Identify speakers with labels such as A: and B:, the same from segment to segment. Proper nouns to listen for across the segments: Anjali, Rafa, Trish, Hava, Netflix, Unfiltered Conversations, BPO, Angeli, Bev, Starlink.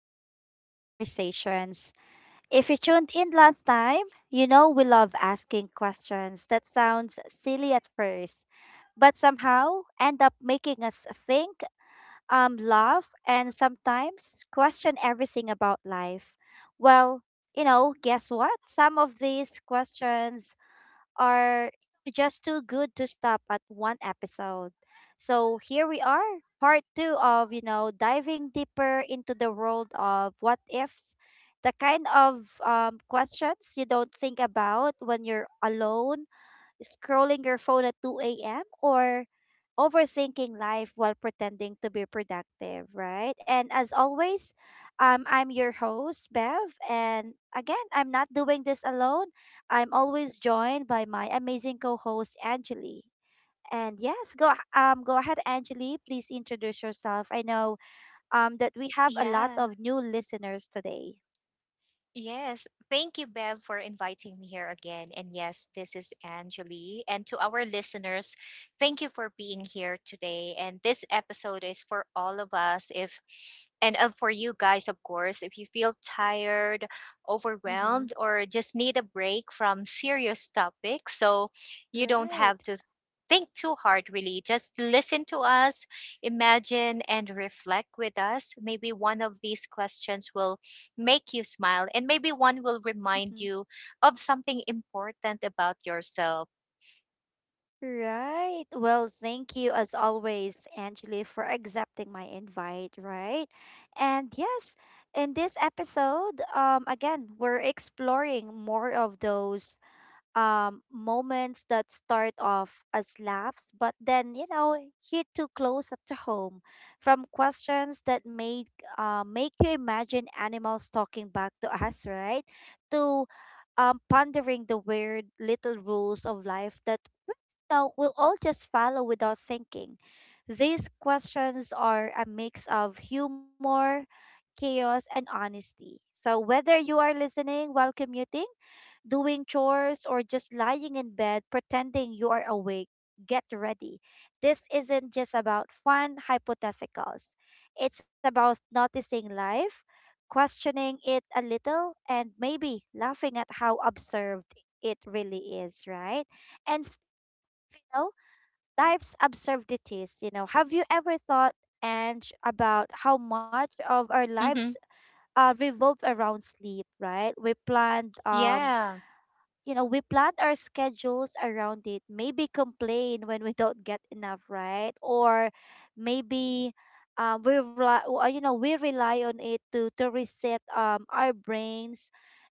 A: Unfiltered Conversations. If you tuned in last time, you know we love asking questions that sounds silly at first, but somehow end up making us think, laugh, and sometimes question everything about life. Well, guess what? Some of these questions are just too good to stop at one episode. So here we are, part two of, diving deeper into the world of what ifs, the kind of questions you don't think about when you're alone scrolling your phone at 2 a.m. or overthinking life while pretending to be productive, right? And as always, I'm your host, Bev. And again, I'm not doing this alone. I'm always joined by my amazing co host, Angeli. And yes, go ahead, Angeli. Please introduce yourself. I know that we have a lot
B: Yeah.
A: of new listeners today.
B: Yes. Thank you, Bev, for inviting me here again. And yes, this is Anjali. And to our listeners, thank you for being here today. And this episode is for all of us. If and for you guys, of course, if you feel tired,
A: Mm-hmm.
B: overwhelmed, or just need a break from serious topics, so you don't have
A: Right.
B: to think too hard, really. Just listen to us, imagine, and reflect with us. Maybe one of these questions will make you smile, and maybe one will remind you of something important about yourself.
A: Right. Well, thank you as always, Angeli, for accepting my invite, right? And yes, in this episode, again, we're exploring more of those moments that start off as laughs, but then hit too close up to home. From questions that made make you imagine animals talking back to us, right? To pondering the weird little rules of life that we know we'll all just follow without thinking. These questions are a mix of humor, chaos, and honesty. So whether you are listening while commuting doing chores, or just lying in bed pretending you are awake, get ready. This isn't just about fun hypotheticals, it's about noticing life, questioning it a little, and maybe laughing at how absurd it really is, right? And you know, life's absurdities, have you ever thought? And about how much of our lives
B: Mm-hmm.
A: revolve around sleep, right? We planned um
B: Yeah.
A: you know, we plan our schedules around it. Maybe complain when we don't get enough, right? Or maybe we rely, w- you know, we rely on it to reset our brains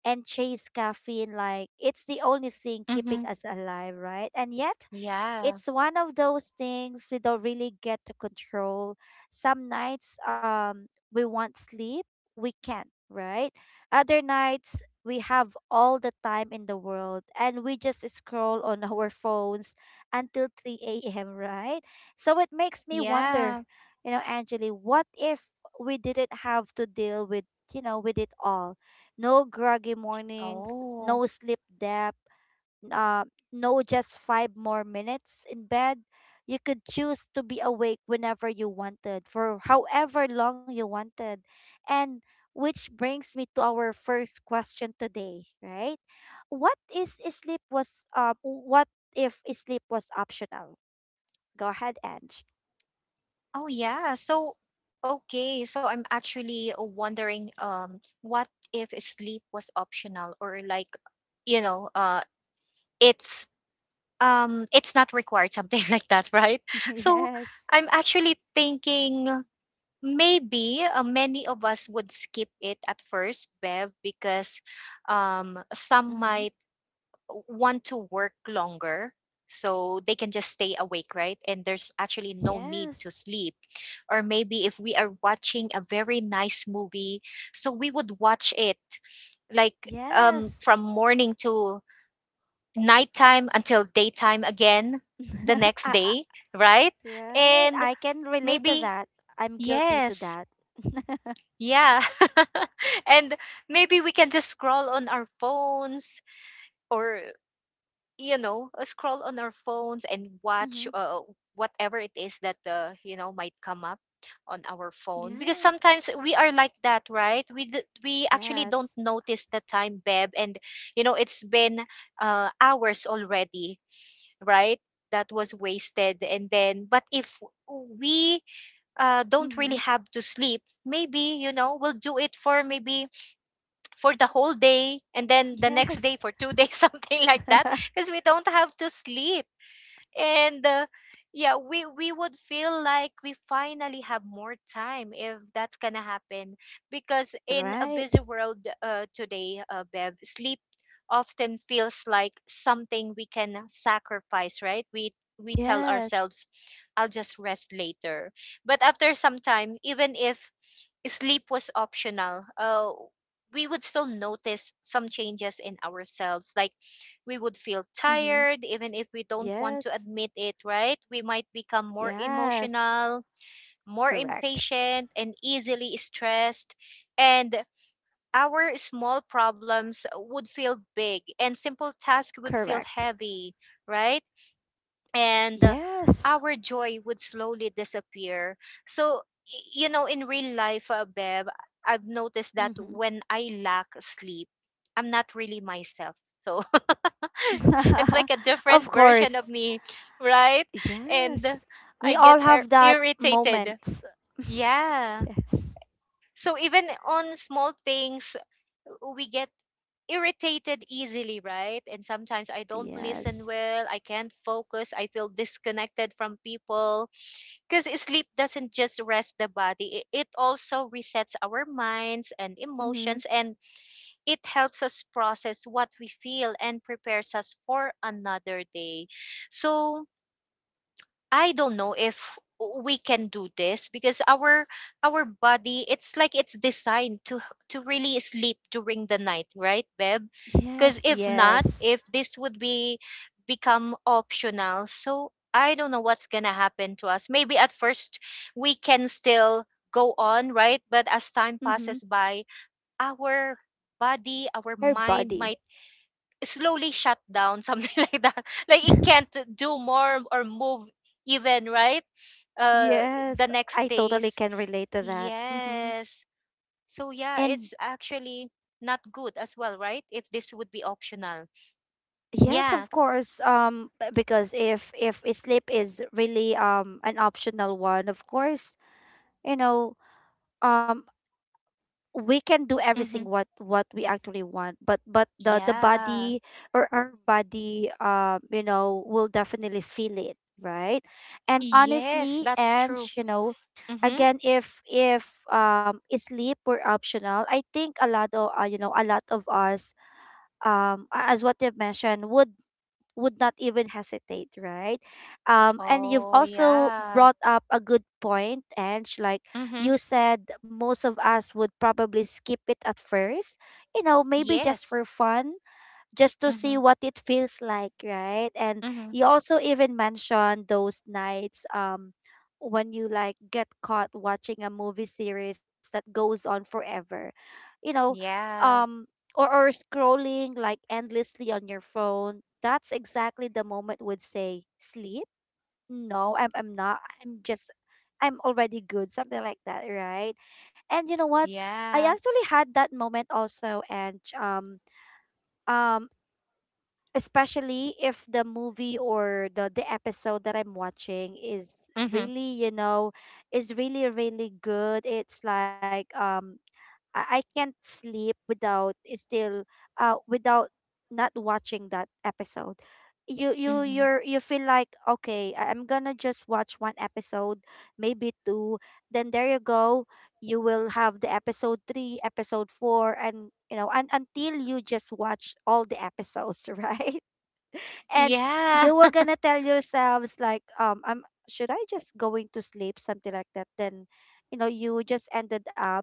A: and chase caffeine like it's the only thing keeping
B: Mm-hmm.
A: us alive, right? And yet
B: Yeah.
A: it's one of those things we don't really get to control. Some nights we want sleep, we can't, right? Other nights we have all the time in the world and we just scroll on our phones until 3 a.m., right? So it makes me wonder,
B: Yeah.
A: Angeli, what if we didn't have to deal with it all? No groggy mornings,
B: Oh.
A: no sleep debt, uh, no just 5 more minutes in bed, you could choose to be awake whenever you wanted for however long you wanted. And which brings me to our first question today, right? What if is sleep was optional? Go ahead, Ange.
B: Oh yeah. So okay. So I'm actually wondering what if sleep was optional, or like, you know, uh it's it's not required, something like that, right? So
A: Yes.
B: I'm actually thinking maybe many of us would skip it at first, Bev, because some
A: Mm-hmm.
B: might want to work longer so they can just stay awake, right? And there's actually no need to
A: Yes.
B: sleep. Or maybe if we are watching a very nice movie, so we would watch it like
A: Yes.
B: from morning to nighttime until daytime again the next
A: I- I-
B: day, right?
A: right.
B: And
A: I can relate to
B: maybe,
A: that. I'm guilty to
B: yes.
A: that. Mm-hmm.
B: Yeah. And maybe we can just scroll on our phones or, scroll on our phones and watch whatever it is that, might come up on our phone. Because
A: Yes.
B: sometimes we are like that, right? We actually don't
A: Yes.
B: notice the time, Beb. And, it's been hours already, right? That was wasted. And then, but if we don't really
A: Mm-hmm.
B: have to sleep, maybe, we'll do it for maybe for the whole day and then the next day
A: Yes.
B: for 2 days something like that, because we don't have to sleep. And yeah, we would feel like we finally have more time if that's gonna happen, because in a
A: Right.
B: busy world, today, Bev, sleep often feels like something we can sacrifice, right? We tell
A: Yes.
B: ourselves, I'll just rest later, but after some time, even if sleep was optional, we would still notice some changes in ourselves. Like, we would feel
A: Mm-hmm.
B: tired, even if we don't want to
A: Yes.
B: admit it, right? We might become more
A: Yes.
B: emotional, more
A: Correct.
B: impatient, and easily stressed. And our small problems would feel big, and simple tasks would feel
A: Correct.
B: heavy, right? And
A: Yes.
B: our joy would slowly disappear. So, in real life, Bev, I've noticed that
A: Mm-hmm.
B: when I lack sleep, I'm not really myself. So it's like a different
A: Of
B: version of
A: course.
B: me, right? And
A: Yes. We
B: I get
A: all have that
B: irritated.
A: moments.
B: Yeah.
A: Yes.
B: So even on small things, we get irritated easily, right? And sometimes I don't listen
A: Yes.
B: well, I can't focus, I feel disconnected from people, because sleep doesn't just rest the body, it also resets our minds and
A: Mm-hmm.
B: emotions, and it helps us process what we feel and prepares us for another day. So, I don't know if we can do this, because our body, it's like it's designed to really sleep during the night, right, Beb?
A: Yes.
B: Because if not,
A: Yes.
B: if this would be, become optional, so I don't know what's gonna happen to us. Maybe at first we can still go on, right? But as time
A: Mm-hmm.
B: passes by, our body, our
A: Her
B: mind
A: body.
B: might slowly shut down, something like that. Like it can't do more or move even, right? uh the
A: Yes,
B: next
A: I totally
B: days.
A: can relate to that. Mm-hmm.
B: Yes. So yeah,
A: And
B: it's actually not good as well, right? If this would be optional.
A: yes,
B: Yeah.
A: of course. Because if sleep is really an optional one, of course, you know, um, we can do everything
B: Mm-hmm.
A: what we actually want. But the
B: Yeah.
A: body or our body, will definitely feel it, right? And
B: Yes,
A: honestly,
B: that's true. Mm-hmm.
A: again, if sleep were optional, I think a lot of you know a lot of us as what you've mentioned would not even hesitate, right? And you've
B: Oh
A: also
B: yeah.
A: brought up a good point, and like
B: Mm-hmm.
A: you said, most of us would probably skip it at first, maybe just for
B: Yes.
A: fun just to see
B: Mm-hmm.
A: what it feels like, right? And
B: Mm-hmm.
A: you also even mentioned those nights when you like get caught watching a movie series that goes on forever. You know,
B: Yeah.
A: um or scrolling like endlessly on your phone. That's exactly the moment would say sleep. No, I'm not. I'm already good, something like that, right? And you know what? I
B: Yeah.
A: actually had that moment also, and um, especially if the movie or the episode that I'm watching is
B: Mm-hmm.
A: really really good. It's like I can't sleep without still without not watching that episode. You you
B: Mm-hmm.
A: you're you feel like okay, I'm gonna just watch one episode, maybe two. Then there you go. You will have the episode three, episode four, and and until you just watch all the episodes, right? And
B: Yeah.
A: you were gonna tell yourselves like I'm should I just going to sleep, something like that. Then you just ended up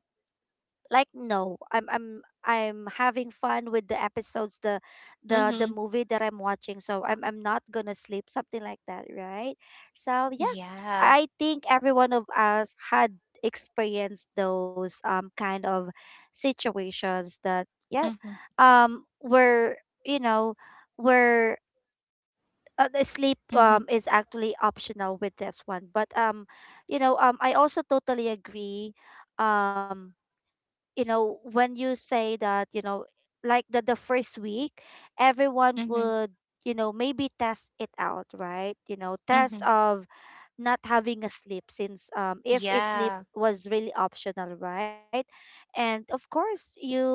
A: like no I'm having fun with the episodes, the
B: Mm-hmm.
A: movie that I'm watching. So I'm not gonna sleep, something like that, right? So yeah,
B: Yeah.
A: I think every one of us had experienced those kind of situations that, yeah,
B: Mm-hmm.
A: were you know were the sleep
B: Mm-hmm.
A: is actually optional with this one. But I also totally agree um when you say that, like the first week everyone
B: Mm-hmm.
A: would, maybe test it out, right? Test
B: Mm-hmm.
A: of not having a sleep since if a sleep
B: Yeah.
A: was really optional, right? And of course, you've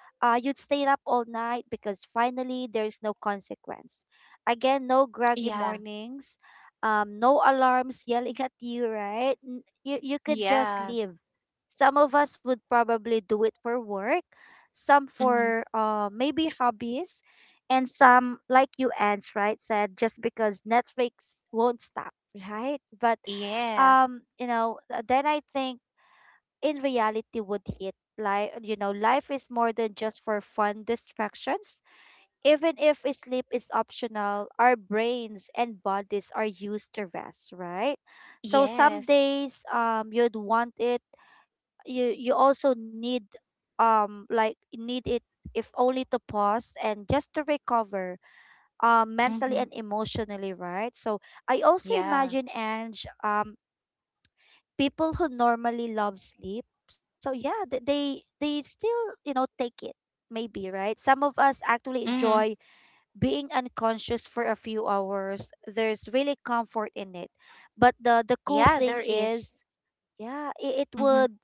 A: uh, you'd stay up all night because finally there's no consequence. Again, no groggy
B: Yeah.
A: mornings, no alarms yelling at you, right? You could just
B: Yeah.
A: live. Some of us would probably do it for work, some
B: Mm-hmm.
A: for maybe hobbies, and some, like you, Ange, right, said just because Netflix won't stop, right? But
B: Yeah.
A: then I think in reality would hit. Like, life is more than just for fun distractions. Even if sleep is optional, our brains and bodies are used to rest, right? So some
B: Yes.
A: days you'd want it, you also need it, if only to pause and just to recover mentally
B: Mm-hmm.
A: and emotionally, right? So I also
B: Yeah.
A: imagine Ange, people who normally love sleep, so yeah, they still, take it maybe, right? Some of us actually
B: Mm-hmm.
A: enjoy being unconscious for a few hours. There's really comfort in it. But the cool
B: Yeah,
A: thing
B: there is.
A: is, yeah, it
B: Mm-hmm.
A: would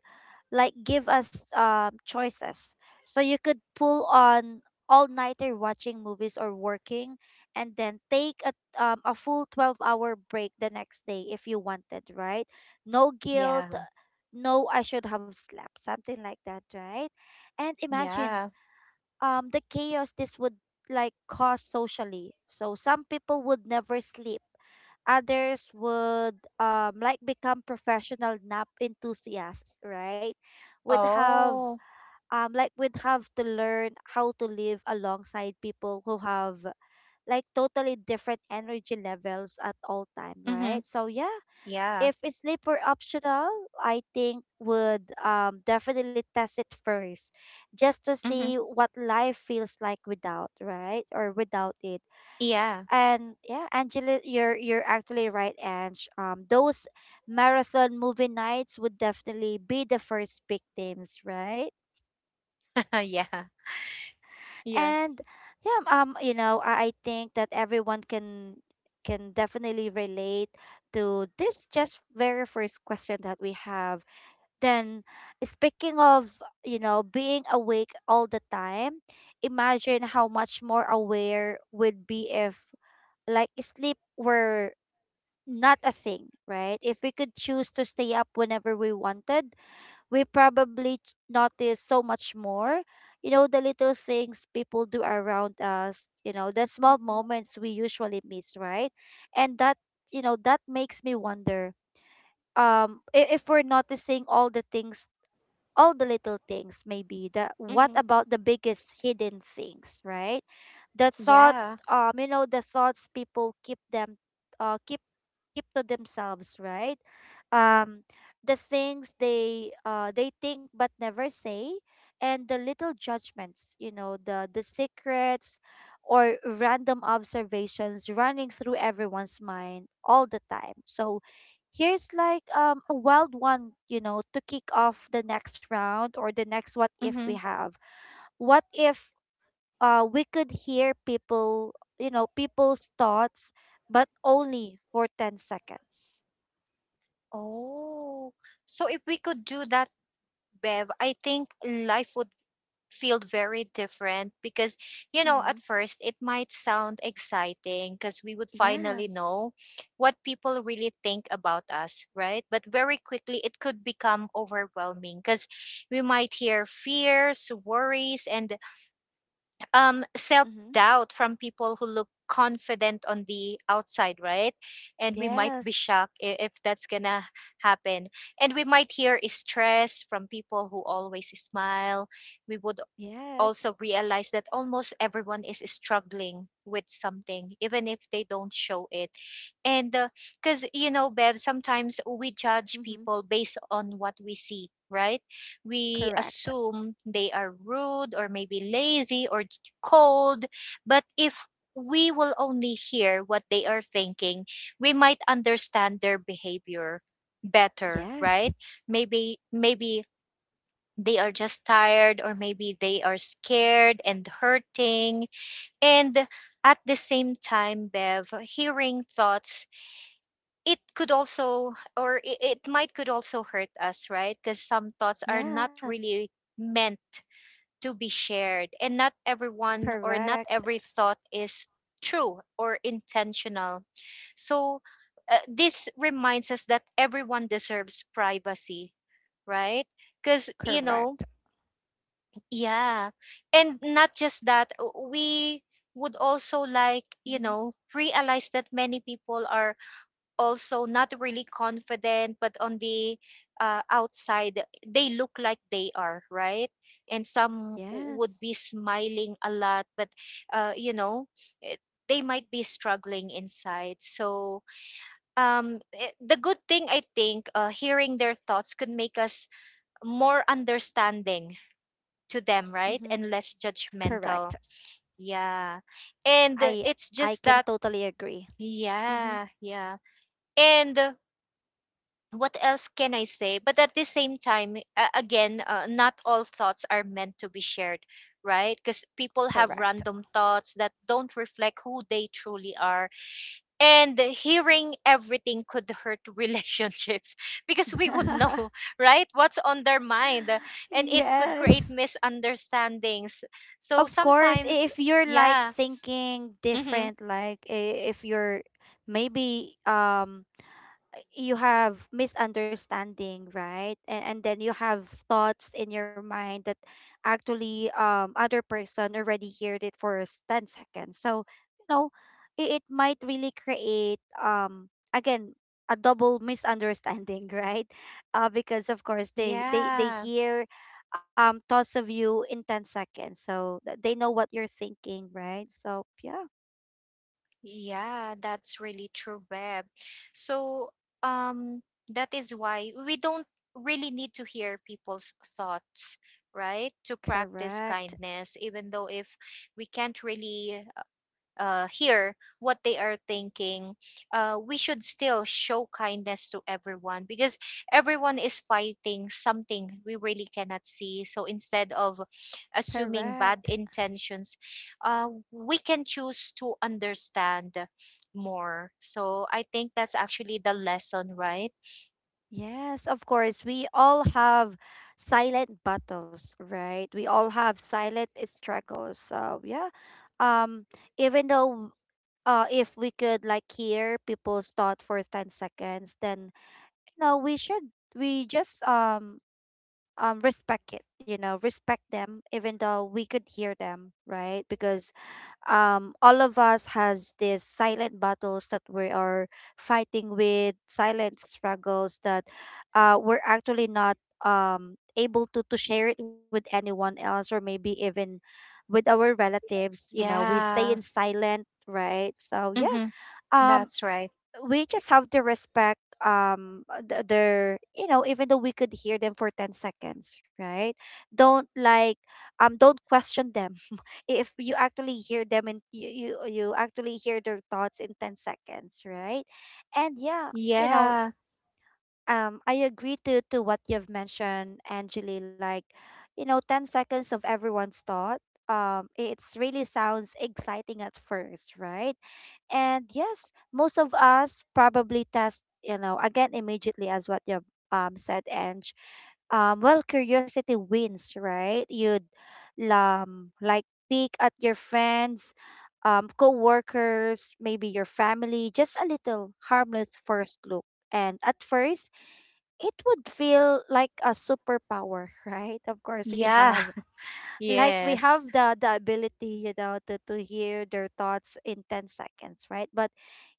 A: like give us choices. So you could pull on all nighter watching movies or working and then take a full 12-hour hour break the next day if you wanted, right? No
B: Yeah.
A: guilt, no I should have slept, something like that, right? And imagine
B: Yeah.
A: the chaos this would like cause socially. So some people would never sleep, others would like become professional nap enthusiasts, right? would have
B: Oh.
A: um like would have to learn how to live alongside people who have like totally different energy levels at all time,
B: Mm-hmm.
A: right? So yeah,
B: Yeah.
A: if it's sleep were optional, I think would definitely test it first just to see
B: Mm-hmm.
A: what life feels like without, right? Or without it.
B: Yeah.
A: And yeah, Angela, you're actually right, Ange, those marathon movie nights would definitely be the first victims, right?
B: Yeah. Yeah.
A: And yeah, I think that everyone can definitely relate to this just very first question that we have. Then speaking of, being awake all the time, imagine how much more aware would be if like sleep were not a thing, right? If we could choose to stay up whenever we wanted, we probably notice so much more. The little things people do around us, the small moments we usually miss, right? And that makes me wonder if we're noticing all the little things maybe, that, what
B: Mm-hmm.
A: about the biggest hidden things, right? the thought
B: Yeah.
A: um you know the thoughts people uh keep keep to themselves, right? Um, the things they think but never say, and the little judgments, the secrets or random observations running through everyone's mind all the time. So here's like a wild one, to kick off the next round or the next what if we
B: Mm-hmm.
A: have. What if we could hear people's thoughts but only for 10 seconds.
B: Oh. So if we could do that, Bev, I think life would feel very different, because
A: Mm-hmm.
B: at first it might sound exciting, because we would finally
A: Yes.
B: know what people really think about us, right? But very quickly it could become overwhelming, because we might hear fears, worries, and self
A: Mm-hmm.
B: doubt from people who look confident on the outside, right? And we might be
A: Yes.
B: shocked, if that's gonna happen. And we might hear stress from people who always smile. We would
A: Yes.
B: also realize that almost everyone is struggling with something, even if they don't show it. And because, Bev, sometimes we judge
A: Mm-hmm.
B: people based on what we see, right? We
A: Correct.
B: assume they are rude, or maybe lazy, or cold. But if we will only hear what they are thinking, we might understand their behavior better, right?
A: Yes.
B: Maybe they are just tired, or maybe they are scared and hurting. And at the same time, Bev, hearing thoughts, it could also, or it might could also hurt us, right? Because some thoughts are not
A: Yes.
B: really meant to be shared, and not everyone or not
A: Correct.
B: every thought is true or intentional. So this reminds us that everyone deserves privacy, right? Because
A: Correct.
B: yeah. And not just that, we would also like,
A: Mm-hmm.
B: realize that many people are also not really confident, but on the outside, they look like they are, right? And some would
A: Yes.
B: be smiling a lot, but, uh, you know, eh, they might be struggling inside. So, the good thing, I think, hearing their thoughts could make us more understanding to them,
A: Mm-hmm.
B: right? And less
A: Correct.
B: judgmental. Yeah. And
A: I
B: it's
A: I
B: just
A: can
B: that,
A: totally agree. Mm-hmm.
B: yeah, yeah. And what else can I say? But at the same time, again, not all thoughts are meant to be shared, right? Because people have
A: Correct.
B: random thoughts that don't reflect who they truly are, and hearing everything could hurt relationships, because we would know, right, what's on their mind. And it could create
A: Yes.
B: misunderstandings, so
A: Of course, i-
B: sometimes,
A: if you're like
B: yeah.
A: thinking
B: Hmm.
A: different, like I- if you're maybe you have misunderstanding, right? And then you have thoughts in your mind that actually other person already heard it for 10 seconds, so you know it might really create again a double misunderstanding, right? Because of course they
B: Yeah,
A: hear thoughts of you in 10 seconds, so they know what you're thinking, right? So yeah,
B: yeah, that's really true, web. So um that is why we don't really need to hear people's thoughts, right, to practice
A: correct,
B: kindness. Even though if we can't really hear what they are thinking, we should still show kindness to everyone, because everyone is fighting something we really cannot see. So instead of assuming
A: correct.
B: bad intentions, uh, we can choose to understand more. So I think that's actually the lesson, right?
A: Yes, of course. We all have silent battles, right? We all have silent struggles. So yeah, um, even though if we could like hear people's thought for 10 seconds, then you know we should we just respect it, you know, respect them even though we could hear them, right? Because all of us has these silent battles that we are fighting with, silent struggles that we're actually not able to share it with anyone else, or maybe even with our relatives. You know, we stay in
B: Yeah.
A: silent, right? So yeah,
B: Mm-hmm.
A: um
B: That's right.
A: we just have to respect their you know, even though we could hear them for 10 seconds, right? Don't like, don't question them, if you actually hear them and you actually hear their thoughts in 10 seconds, right? And yeah, you know,
B: Yeah.
A: I agree to what you've mentioned, Angeli. Like, you know, 10 seconds of everyone's thought, it's really sounds exciting at first, right? And yes, most of us probably test, you know, again immediately as what you said, Ange. Well, curiosity wins, right? You'd like peek at your friends, co-workers, maybe your family, just a little harmless first look. And at first, it would feel like a superpower, right? Of course, we
B: Yeah.
A: have like we
B: Yes.
A: have the ability, you know, to hear their thoughts in 10 seconds, right? But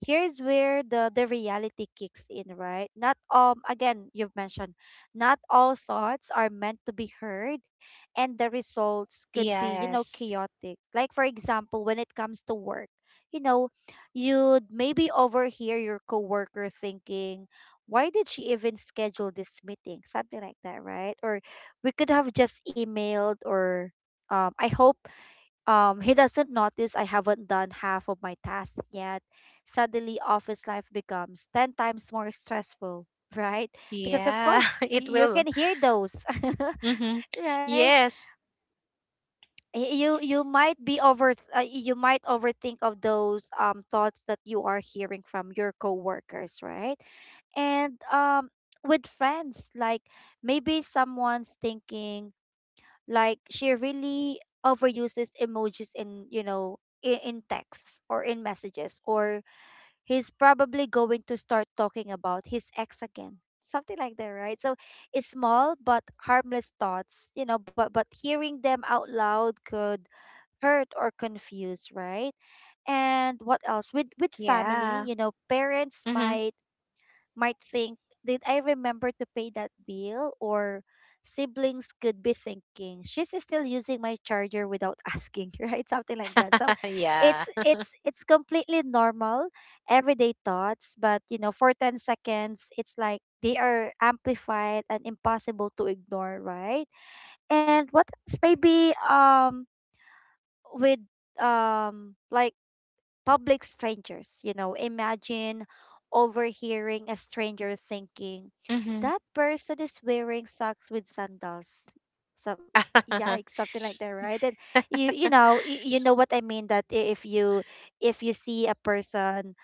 A: here's where the reality kicks in, right? Not again, you've mentioned, not all thoughts are meant to be heard, and the results could be, you know,
B: Yes.
A: chaotic. Like for example, when it comes to work, you know, you'd maybe overhear your coworker thinking, why did she even schedule this meeting, something like that, right? Or we could have just emailed, or I hope he doesn't notice I haven't done half of my tasks yet. Suddenly, office life becomes 10 times more stressful, right? Because of
B: Yeah.
A: course,
B: It
A: you can
B: will.
A: hear those,
B: Mhm.
A: right?
B: Yes.
A: You might be over, you might overthink of those thoughts that you are hearing from your coworkers, right? And with friends, like maybe someone's thinking, like she really overuses emojis in, you know, in texts or in messages, or he's probably going to start talking about his ex, again something like that, right? So it's small but harmless thoughts, you know, but hearing them out loud could hurt or confuse, right? And what else, with family,
B: Yeah.
A: you know, parents
B: Mhm.
A: might think, did I remember to pay that bill? Or siblings could be thinking, she's still using my charger without asking, right? Something like that. So
B: Yeah.
A: it's completely normal everyday thoughts, but you know, for 10 seconds, it's like they are amplified and impossible to ignore, right? And what else? Maybe with like public strangers. You know, imagine overhearing a stranger thinking,
B: Mhm.
A: that person is wearing socks with sandals. So,
B: Mhm.
A: yikes, something like that, right? And you, you know what I mean, that if you see a person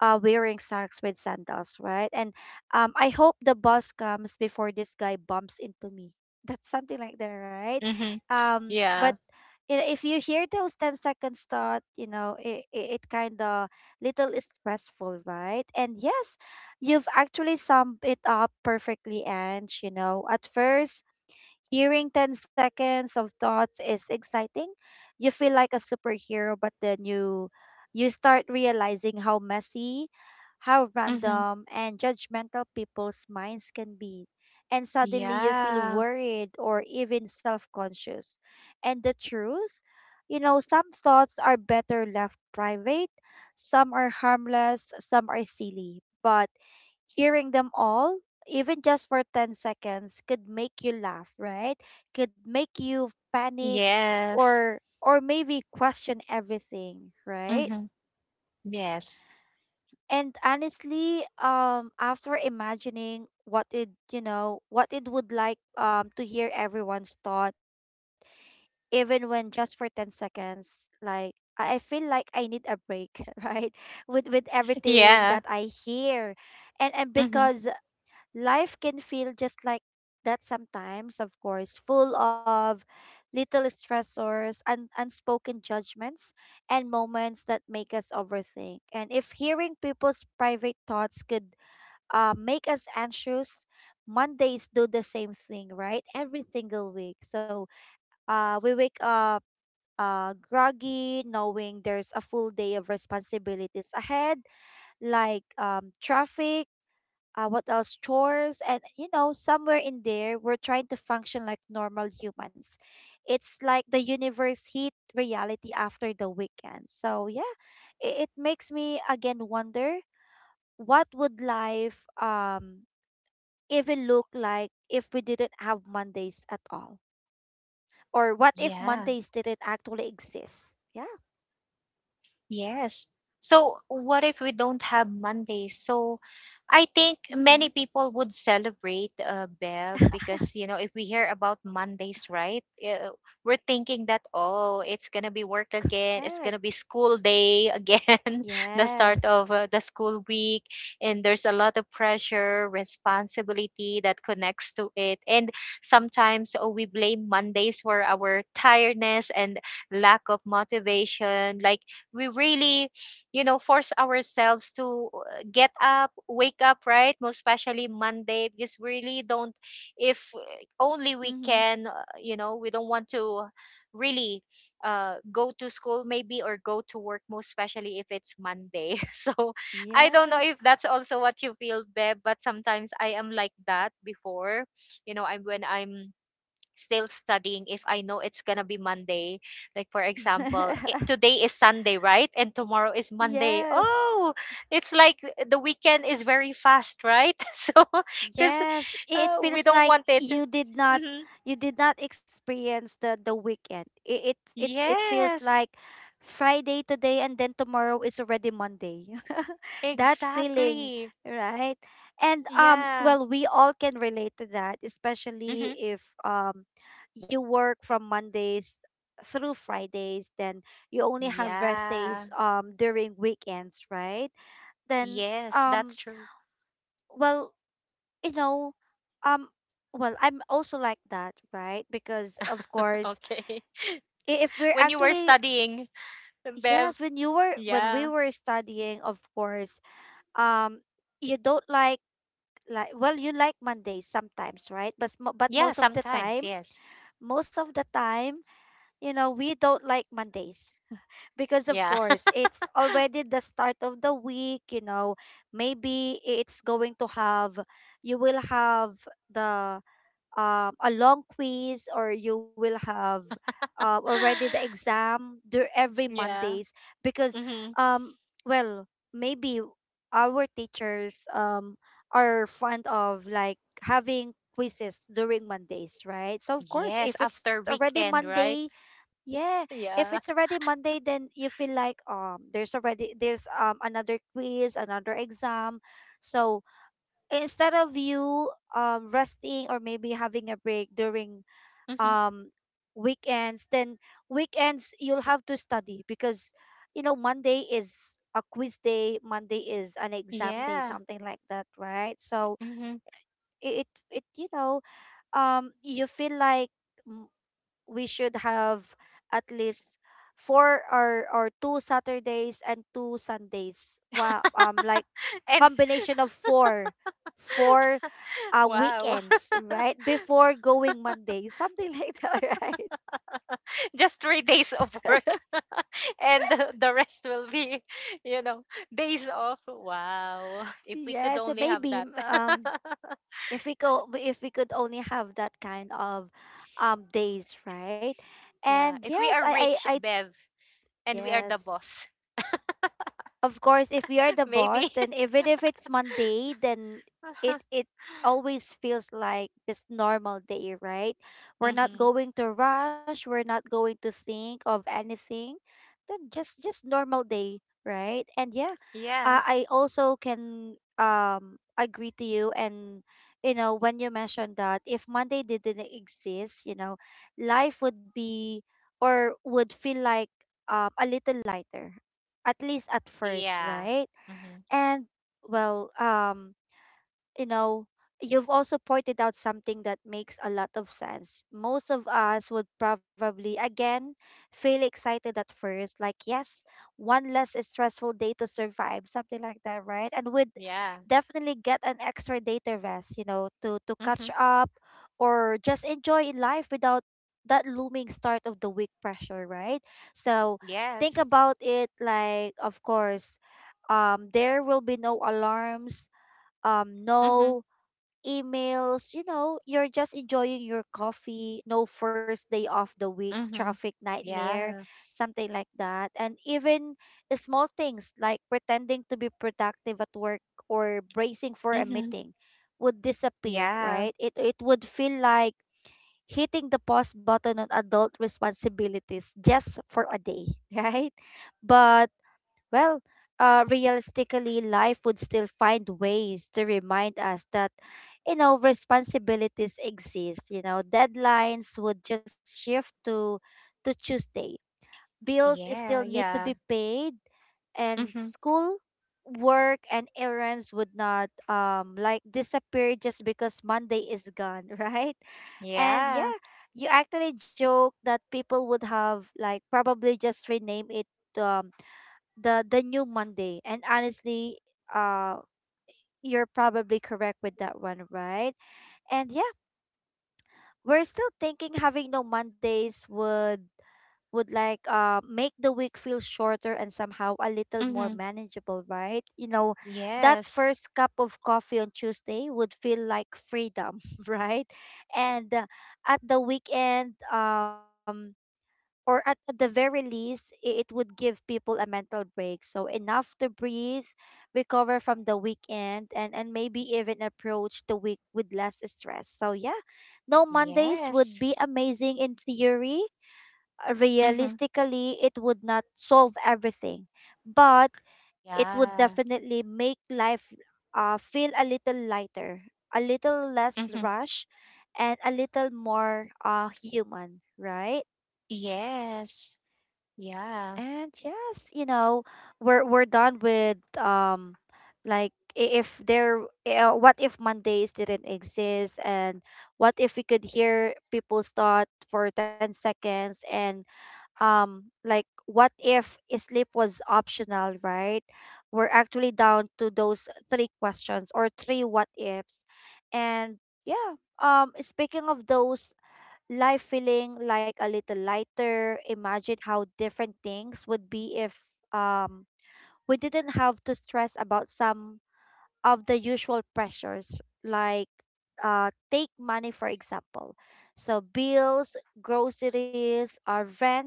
A: wearing socks with sandals, right? And I hope the bus comes before this guy bumps into me. That's something like that, right? But
B: Yeah.
A: you know, if you hear those 10 seconds thought, you know, it kind of little is stressful, right? And yes, you've actually summed it up perfectly, and you know, at first, hearing 10 seconds of thoughts is exciting. You feel like a superhero, but then you start realizing how messy, how
B: Mhm.
A: random and judgmental people's minds can be. And suddenly you feel
B: Yeah.
A: worried or even self-conscious. And the truth, you know, some thoughts are better left private, some are harmless, some are silly. But hearing them all, even just for 10 seconds, could make you laugh, right? Could make you panic,
B: Yes.
A: or maybe question everything, right?
B: Mhm. Yes.
A: And honestly, after imagining what it, you know, what it would like to hear everyone's thought, even when just for 10 seconds, like I feel like I need a break, right? With everything that
B: Yeah.
A: I hear, and
B: Mhm.
A: because life can feel just like that sometimes, of course, full of little stressors and unspoken judgments and moments that make us overthink. And if hearing people's private thoughts could make us anxious, Mondays do the same thing, right? Every single week. So we wake up groggy, knowing there's a full day of responsibilities ahead, like traffic, what else, chores, and you know, somewhere in there we're trying to function like normal humans. It's like the universe hit reality after the weekend. So yeah, it makes me again wonder, what would life even look like if we didn't have Mondays at all, or what if
B: Yeah.
A: Mondays didn't actually exist? Yeah.
B: Yes. So, what if we don't have Mondays? So, I think many
A: Mm-hmm.
B: people would celebrate, Bev, because, if we hear about Mondays, right, we're thinking that, oh, it's going to be work again. It's going to be
A: Correct.
B: school day again, the start
A: Yes.
B: of the school week. And there's a lot of pressure, responsibility that connects to it. And sometimes, we blame Mondays for our tiredness and lack of motivation. Like, we really force ourselves to get up, wake up, right? Most especially Monday, because we really don't, if only we
A: Mm-hmm.
B: can, we don't want to really go to school maybe, or go to work, most especially if it's Monday. So I don't know if
A: Yes.
B: that's also what you feel, Beb, but sometimes I am like that before, you know I'm when I'm still studying, if I know it's gonna be Monday. Like for example, today is Sunday, right? And tomorrow is Monday.
A: Yes.
B: Oh, it's like the weekend is very fast, right? So, because
A: Yes, it
B: we
A: feels
B: don't
A: like
B: want it.
A: you did not,
B: Hmm.
A: you did not experience the weekend. It feels
B: Yes,
A: like Friday today and then tomorrow is already Monday. That feeling,
B: exactly.
A: right? And um,
B: Yeah.
A: well, we all can relate to that, especially
B: Hmm.
A: if you work from Mondays through Fridays, then you only have rest days
B: Yeah.
A: during weekends, right? Then
B: Yes,
A: um
B: that's true.
A: well you know, um, well, I'm also like that, right? Because of course,
B: Okay.
A: if we're
B: When you were
A: actually,
B: studying, Bev.
A: yes, when you were, when we
B: Yeah.
A: were studying, of course, um, you don't like well, you like Mondays sometimes, right? But
B: Yeah,
A: most of the
B: sometimes,
A: time,
B: yes.
A: most of the time, you know, we don't like Mondays, because of
B: Yeah.
A: course it's already the start of the week. You know, maybe it's going to have, you will have the a long quiz, or you will have already the exam every
B: Yeah.
A: Mondays because
B: Mm-hmm.
A: um well maybe our teachers are fond of like having quizzes during Mondays, right? So of course
B: Yes,
A: if it's
B: after
A: already
B: weekend,
A: Monday,
B: right?
A: yeah, if it's
B: Yeah.
A: already Monday, then you feel like there's already, there's another quiz, another exam, so instead of you resting or maybe having a break during
B: Mm-hmm.
A: weekends, then weekends you'll have to study, because you know Monday is a quiz day, Monday is an exam day,
B: Yeah.
A: something like that, right? So
B: Mm-hmm.
A: you know, you feel like mm, we should have at least four, or two Saturdays and two Sundays, wow, um, like
B: And
A: combination of four, four
B: wow.
A: weekends, right? Before going Monday, something like that, right?
B: Just 3 days of work and the rest will be, you know, days off. Wow. If we could
A: Yes,
B: only have
A: maybe
B: that.
A: um, if we could only have that kind of days, right?
B: Yeah.
A: And
B: If we
A: yes,
B: are
A: I
B: rich,
A: I I
B: Bev, and we are the
A: yes.
B: boss,
A: Of course, if we are the
B: maybe.
A: boss, then even if it's Monday, then it it always feels like just normal day, right? We're not
B: Mm-hmm.
A: going to rush, we're not going to think of anything, then just normal day, right? And yeah,
B: Yeah.
A: I also can agree to you, and you know, when you mentioned that if Monday didn't exist, you know, life would be or would feel like a little lighter at least at first,
B: Yeah.
A: right?
B: Hmm.
A: And well, you know, you've also pointed out something that makes a lot of sense. Most of us would probably, again, feel excited at first, like, yes, one less stressful day to survive, something like that, right? And would
B: Yeah.
A: definitely get an extra day to rest, you know, to
B: Hmm.
A: catch up or just enjoy in life without that looming start of the week pressure, right? So think
B: Yes.
A: about it, like of course, there will be no alarms,
B: Mhm.
A: no emails, you know, you're just enjoying your coffee, no first day of the week
B: Mhm.
A: traffic nightmare,
B: Yeah.
A: something like that. And even small things like pretending to be productive at work or bracing for a
B: Mhm.
A: meeting would disappear,
B: Yeah.
A: right? It would feel like hitting the pause button on adult responsibilities just for a day, right? But well, realistically, life would still find ways to remind us that, you know, responsibilities exist. You know, deadlines would just shift to Tuesday. Bills still
B: Yeah.
A: need to be
B: Yeah.
A: paid, and
B: Mhm.
A: school, work, and errands would not like disappear just because Monday is gone, right? And
B: Yeah.
A: yeah, you actually joke that people would have like probably just rename it um the new Monday. And honestly, uh you're probably correct with that one, right? And yeah, we're still thinking having no Mondays would like make the week feel shorter and somehow a little more
B: Mhm.
A: manageable, right? You know, that
B: Yes.
A: first cup of coffee on Tuesday would feel like freedom, right? And at the weekend, or at the very least, it would give people a mental break, so enough to breathe, recover from the weekend, and maybe even approach the week with less stress, so yeah, no Mondays would
B: Yes.
A: be amazing in theory.
B: Mhm.
A: Realistically, it would not solve everything, but it would
B: Yeah.
A: definitely make life feel a little lighter, a little less
B: Mhm.
A: rush, and a little more human, right?
B: Yes. Yeah.
A: And yes, we're done with like I- if there what if Mondays didn't exist? And what if we could hear people's thought for 10 seconds? And like what if sleep was optional, right? We're actually down to those three questions or three what ifs. And yeah, speaking of those, life feeling like a little lighter. Imagine how different things would be if um we didn't have to stress about some of the usual pressures, like, take money for example. So bills, groceries, or rent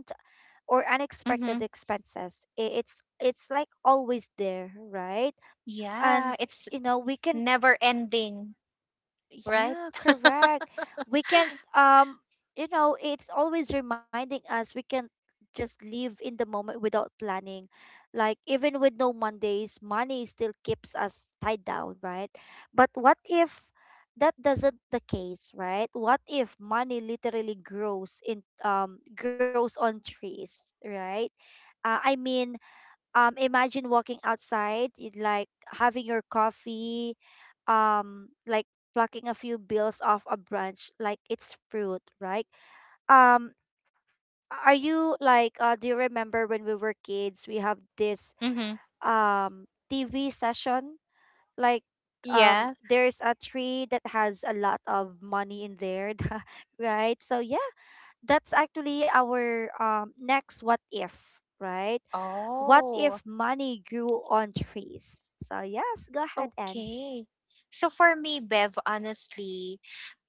A: or unexpected
B: Mhm.
A: expenses. It's like always there, right?
B: Yeah.
A: And
B: It's
A: you know, we can.
B: never ending, right?
A: Yeah, correct. We can't, it's always reminding us we can't just live in the moment without planning. Like, even with no Mondays, money still keeps us tied down, right? But what if that doesn't the case, right? What if money literally grows on trees, right? I mean, imagine walking outside, you'd like having your coffee, like plucking a few bills off a branch like it's fruit, right? um are you like, do you remember when we were kids we have this
B: Mhm.
A: um TV session, like,
B: Yeah.
A: there's a tree that has a lot of money in there, right? So yeah, that's actually our next what if, right? What
B: Oh.
A: if money grew on trees? So yes, go ahead, Ange.
B: Okay. So for me, Bev, honestly,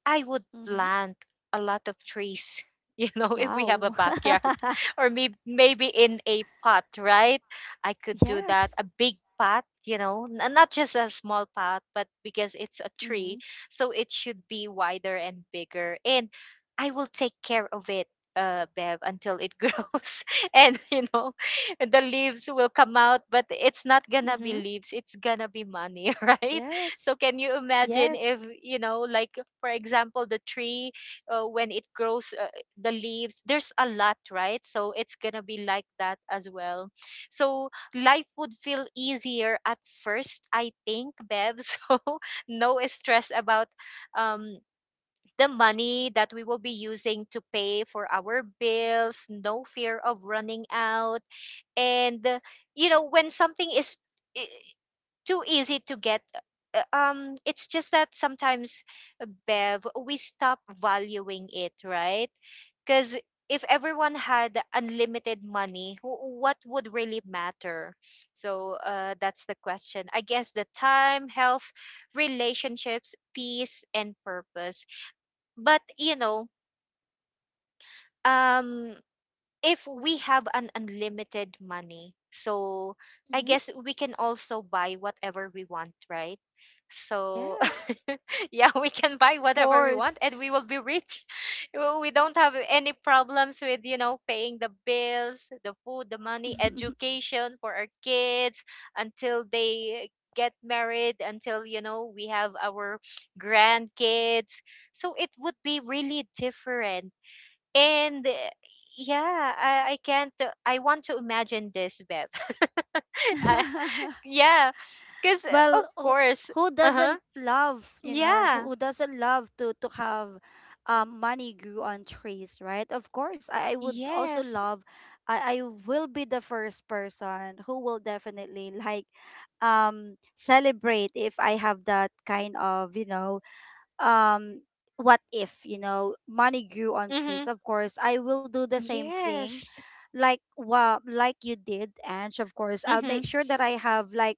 B: I would
A: Mm-hmm.
B: plant a lot of trees, if we have
A: Wow.
B: a backyard or maybe in a pot, right? I could do that,
A: Yes.
B: a big pot, you know, not just a small pot, but because it's a tree,
A: Mm-hmm.
B: so it should be wider and bigger. And I will take care of it. Bev, until it grows, and the leaves will come out, but it's not gonna be
A: Mm-hmm.
B: leaves, it's gonna be money, right? So
A: Yes.
B: can you imagine if,
A: Yes.
B: like for example, the tree when it grows the leaves, there's a lot, right? So it's gonna be like that as well. So life would feel easier at first, I think, Bev. So no stress about um the money that we will be using to pay for our bills, no fear of running out, and you know when something is. i- Too easy to get. It's just that sometimes, Bev, we stop valuing it, right? Because if everyone had unlimited money, what would really matter? So, that's the question, I guess. The time, health, relationships, peace and purpose. But, um if we have an unlimited money, so I
A: Mm-hmm.
B: guess we can also buy whatever we want, right? So
A: Yes.
B: yeah, we can buy
A: Of
B: whatever we
A: course.
B: want and we will be rich. Well, we don't have any problems with, paying the bills, the food, the money, education for our kids until they get married, until, we have our grandkids. So it would be really different. And yeah, I can't, I want to imagine this, Beb. I- yeah, because of
A: Well, who
B: course.
A: who
B: Uh huh,
A: doesn't love, who,
B: yeah,
A: who doesn't love to have money grew on trees, right? Of course, I would also
B: yes,
A: love. I will be the first person who will definitely like celebrate if I have that kind of, um, what if, money grew on trees.
B: mm-hmm.
A: Of course, I will do the same thing,
B: Yes,
A: like, well, like you did, Ange, of course. I'll
B: mm-hmm.
A: make sure that I have like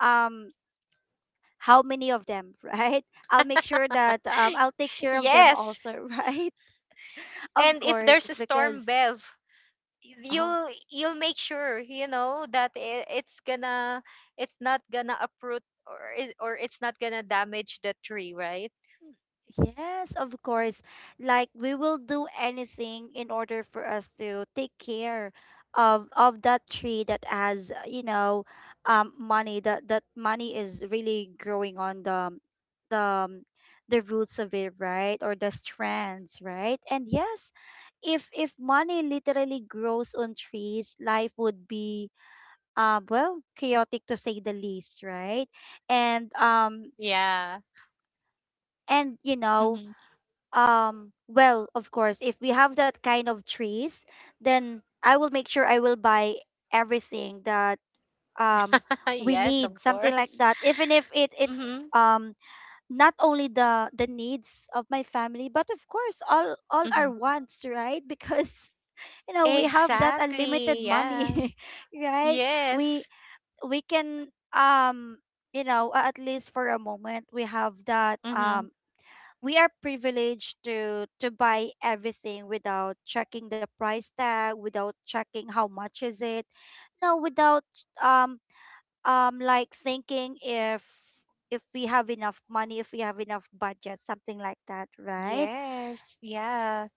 A: um how many of them, right? I'll make sure that, I'll take care of them
B: Yes.
A: also, right? Of
B: And if
A: course,
B: there's a
A: because,
B: storm, Bev,
A: oh,
B: you'll make sure, that I it's not gonna uproot, or it's not gonna damage the tree, right?
A: yes, of course. Like, we will do anything in order for us to take care of that tree that has, money, that money is really growing on the, the roots of it, right? Or the strands, right? And yes, if money literally grows on trees, life would be, well, chaotic to say the least, right? And um,
B: Yeah.
A: and
B: Hmm.
A: well, of course, if we have that kind of trees, then I will make sure I will buy everything that um we
B: Yes, of
A: need, something
B: course.
A: like that. Even if it's
B: Hmm.
A: um not only the needs of my family, but of course all our
B: Mhm.
A: wants, right? Because you know we have that
B: Exactly.
A: unlimited
B: Yeah.
A: money, right? we
B: Yes.
A: we can, at least for a moment, we have that,
B: Mhm.
A: we are privileged to buy everything without checking the price tag, without checking how much is it, no, without um like thinking if we have enough money, if we have enough budget, something like that, right?
B: Yes. Yeah.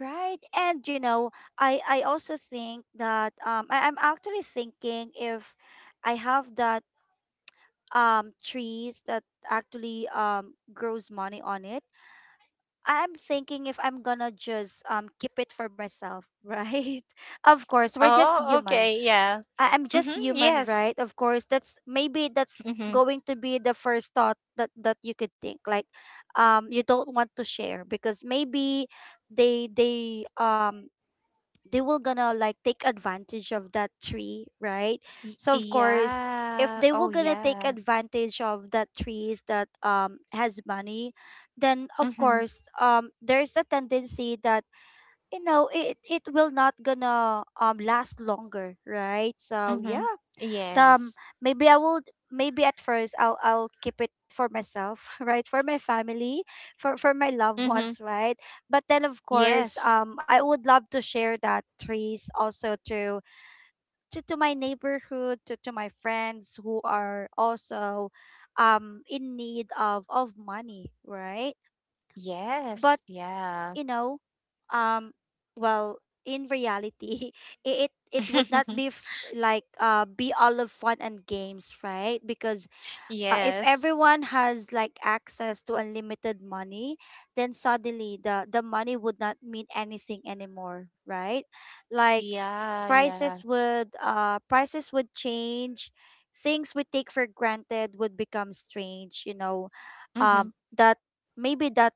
A: Right. And you know, I also think that, I'm actually thinking, if I have that trees that actually grows money on it, I'm thinking if I'm gonna just keep it for myself, right? Of course, we're just
B: Oh,
A: human.
B: okay. Yeah.
A: I'm
B: Mhm.
A: just human,
B: Yes.
A: right? Of course, that's, maybe that's
B: Mhm.
A: going to be the first thought that you could think, like, you don't want to share, because maybe they they um they will gonna like take advantage of that tree, right?
B: Y-
A: So of course, if
B: yeah.
A: they will
B: Oh,
A: gonna take
B: yeah.
A: advantage of that trees that has money, then of
B: Mhm.
A: course there's a tendency that it will not gonna last longer, right? So
B: Mhm.
A: yeah, um
B: Yes.
A: maybe I will. Maybe at first I'll keep it for myself, right? For my family, for my loved
B: Mhm.
A: ones, right? But then of course,
B: Yes.
A: I would love to share that trees also to, to my neighborhood, to my friends who are also in need of money, right?
B: Yes.
A: But,
B: Yeah.
A: you know, um well, in reality, it would not be like, be all of fun and games, right? Because if
B: Yes.
A: everyone has like access to unlimited money, then suddenly the money would not mean anything anymore, right? Like,
B: Yeah, yeah.
A: prices would change, things we take for granted would become strange, you know.
B: Mhm.
A: Um, that, maybe that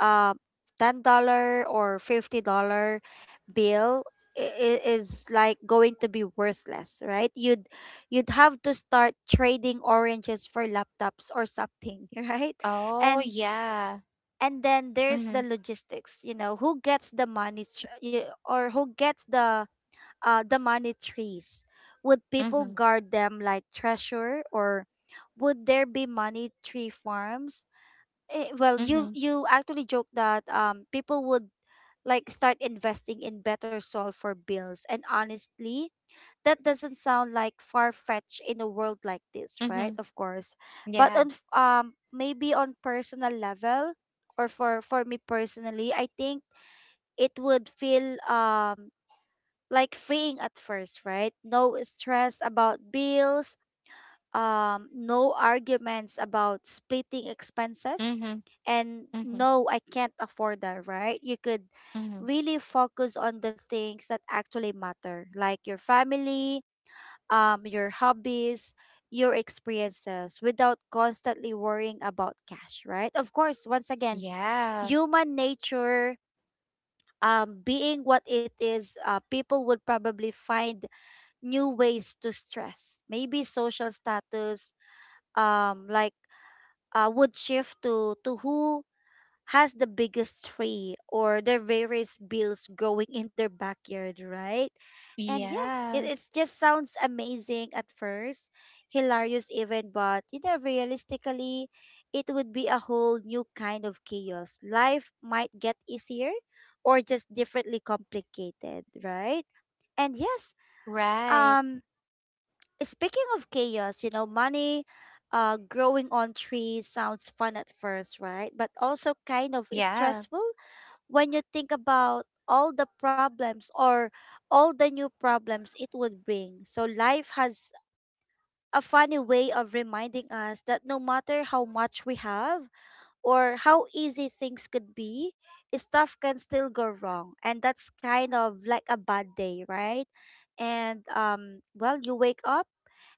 A: uh $10 or $50 bill is like going to be worthless, right? You'd have to start trading oranges for laptops or something, right?
B: Oh,
A: and
B: yeah.
A: and then there's the
B: Mhm.
A: logistics, who gets the money, or who gets the money trees? Would people
B: Mhm.
A: guard them like treasure, or would there be money tree farms? Well, you
B: Mhm.
A: you actually joked that people would like start investing in better soil for bills, and honestly, that doesn't sound like far fetched in a world like this, right?
B: Mhm.
A: Of course, but
B: Yeah.
A: maybe on personal level, or for me personally, I think it would feel like freeing at first, right? No stress about bills, no arguments about splitting expenses,
B: Mhm.
A: and
B: Mhm.
A: no, I can't afford that, right? You could
B: Mhm.
A: really focus on the things that actually matter, like your family, your hobbies, your experiences, without constantly worrying about cash, right? Of course, once again,
B: Yeah.
A: human nature, being what it is, people would probably find new ways to stress. Maybe social status, like, would shift to who has the biggest tree or the various bills growing in their backyard, right? And yeah, it
B: Yeah,
A: it's just sounds amazing at first, hilarious even, but you know, realistically, it would be a whole new kind of chaos. Life might get easier or just differently complicated, right? And yes,
B: right.
A: um speaking of chaos, you know, money, growing on trees sounds fun at first, right? But also kind of
B: Yeah.
A: stressful when you think about all the problems or all the new problems it would bring. So life has a funny way of reminding us that no matter how much we have or how easy things could be, stuff can still go wrong. And that's kind of like a bad day, right? And well, you wake up,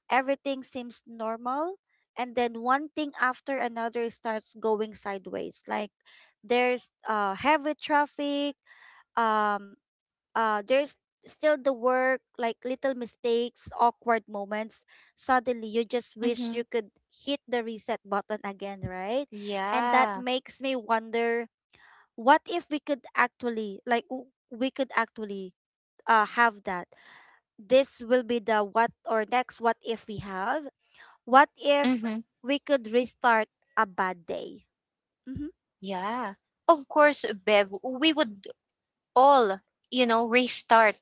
A: everything seems normal, and then one thing after another starts going sideways, like, there's heavy traffic, um there's still the work, like little mistakes, awkward moments, suddenly you just wish
B: Mm-hmm.
A: you could hit the reset button again, right? And that
B: Yeah.
A: makes me wonder, what if we could actually, like, we could actually have that, this will be the, what, or next what if we have, what if
B: Mm-hmm.
A: we could restart a bad day? Mm-hmm.
B: Yeah. Of course, Bev, we would all, restart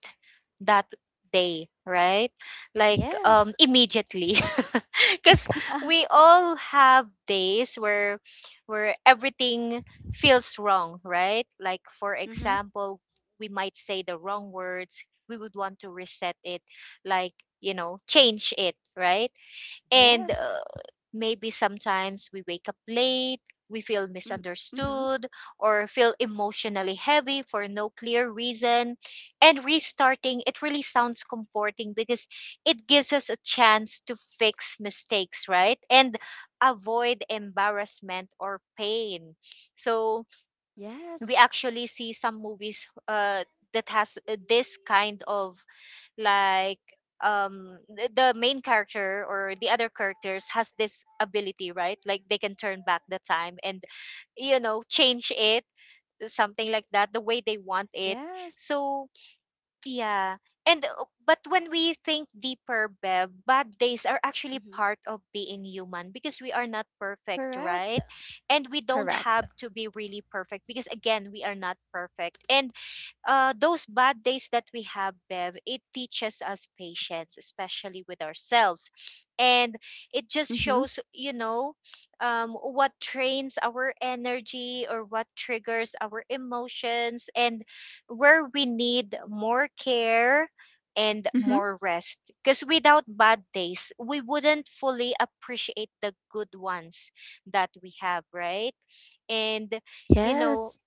B: that day, right? Like,
A: Yes.
B: immediately. Cuz we all have days where everything feels wrong, right? Like for
A: Mm-hmm.
B: example, we might say the wrong words. We would want to reset it, like, change it, right? And
A: Yes.
B: maybe sometimes we wake up late, we feel
A: Mm-hmm. Mm-hmm.
B: misunderstood, or feel emotionally heavy for no clear reason. And restarting, it really sounds comforting because it gives us a chance to fix mistakes, right? And avoid embarrassment or pain. So we
A: Yes.
B: actually see some movies, that has, this kind of, like, the main character or the other characters has this ability, right? Like, they can turn back the time and, change it, something like that, the way they want it.
A: Yes.
B: So yeah. And but when we think deeper, Bev, bad days are actually
A: Mm-hmm.
B: part of being human because we are not perfect,
A: Correct.
B: right? And we don't
A: Correct.
B: have to be really perfect because, again, we are not perfect. And those bad days that we have, Bev, it teaches us patience, especially with ourselves. And it just
A: Mm-hmm.
B: shows, what trains our energy or what triggers our emotions, and where we need more care and more rest. Because without bad days, we wouldn't fully appreciate the good ones that we have, right? And, you know,
A: Yes.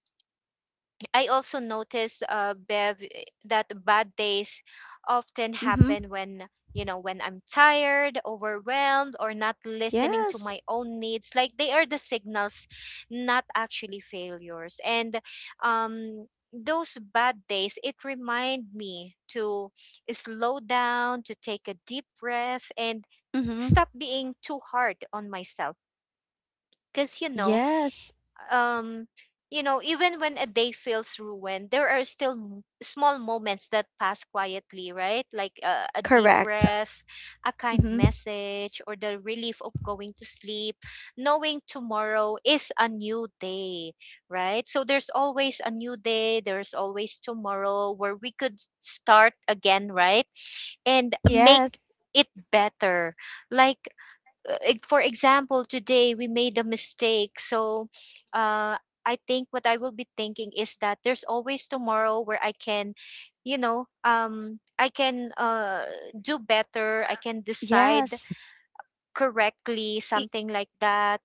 B: I also notice, Bev, that bad days often
A: Mm-hmm.
B: happen when I'm tired, overwhelmed, or not listening to
A: Yes.
B: my own needs. Like they are the signals, not actually failures. And um, those bad days, it remind me to slow down, to take a deep breath, and
A: Mm-hmm.
B: stop being too hard on myself. Because,
A: Yes.
B: um even when a day feels ruined, there are still small moments that pass quietly, right? Like, a deep
A: Correct.
B: breath, a kind
A: Mm-hmm.
B: message, or the relief of going to sleep knowing tomorrow is a new day, right? So there's always a new day, there's always tomorrow where we could start again, right, and make
A: Yes.
B: it better. Like, for example, today we made a mistake. So, uh, I think what I will be thinking is that there's always tomorrow where I can do better. I can decide
A: Yes.
B: correctly,
A: Y-
B: something like that,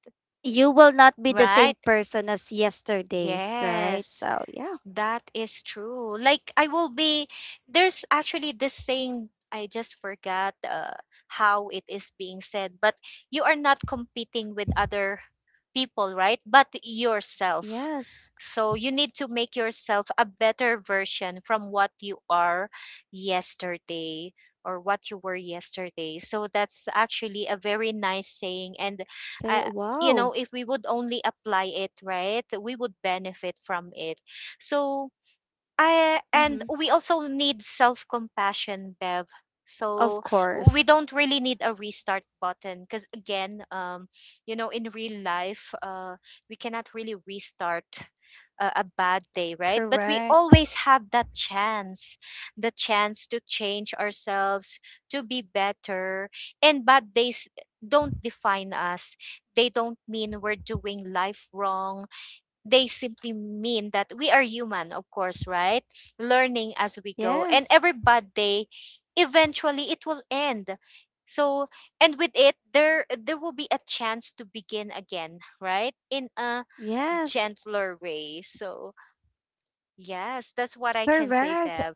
A: you will not be the same
B: right?
A: person as yesterday, right?
B: Yes.
A: So, yeah.
B: That is true. Like, I will be there's actually this saying I just forgot, how it is being said, but you are not competing with other people, right? But yourself.
A: Yes.
B: So you need to make yourself a better version from what you are yesterday, or what you were yesterday. So that's actually a very nice saying. And
A: Say,
B: I you
A: wow.
B: know if we would only apply it, right, we would benefit from it. So I
A: Mm-hmm.
B: and we also need self-compassion, Bev.
A: Of
B: So we
A: course.
B: don't really need a restart button because, again, in real life, we cannot really restart a bad day, right? But we
A: Correct.
B: always have that chance, the chance to change ourselves, to be better. And bad days don't define us. They don't mean we're doing life wrong, they simply mean that we are human, of course, right? Learning as we go. And
A: Yes.
B: every bad day, eventually it will end. So, and with it, there will be a chance to begin again, right? In a
A: Yes.
B: gentler way. So, yes, that's what I can say,
A: Correct.
B: Bev.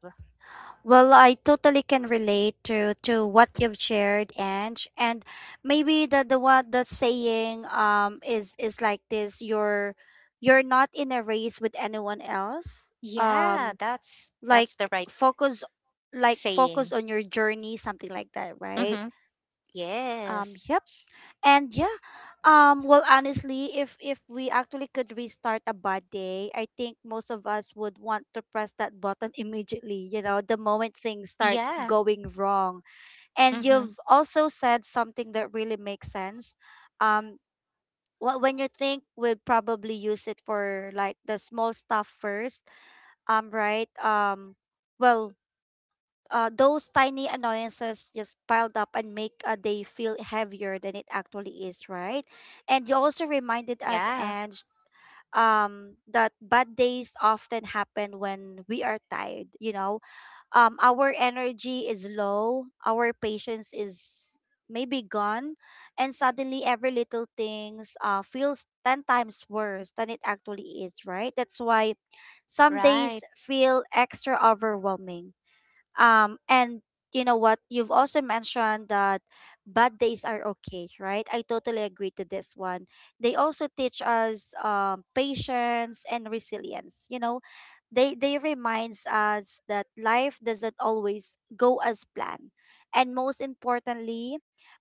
A: Well, I totally can relate to what you've shared, Ange. And maybe the what, the saying is like this: you're not in a race with anyone else.
B: Yeah,
A: Um,
B: that's
A: like
B: the right
A: focus, like focus
B: saying.
A: on your journey, something like that, right?
B: Mm-hmm.
A: Um,
B: Yes.
A: yep. And yeah, well, honestly, if we actually could restart a bad day, I think most of us would want to press that button, immediately. You know, the moment things start
B: Yeah.
A: going wrong. And
B: Mm-hmm.
A: you've also said something that really makes sense. Um, when you think, we would probably use it for like the small stuff first. Right. Well, those tiny annoyances just piled up and make a day feel heavier than it actually is, right? And you also reminded us,
B: Yeah.
A: Ange, that bad days often happen when we are tired. You know, our energy is low, our patience is maybe gone, and suddenly every little things feels 10 times worse than it actually is, right? That's why some
B: Right.
A: days feel extra overwhelming, and you know what? You've also mentioned that bad days are okay, right? I totally agree to this one. They also teach us patience and resilience. You know, they reminds us that life doesn't always go as planned, and most importantly,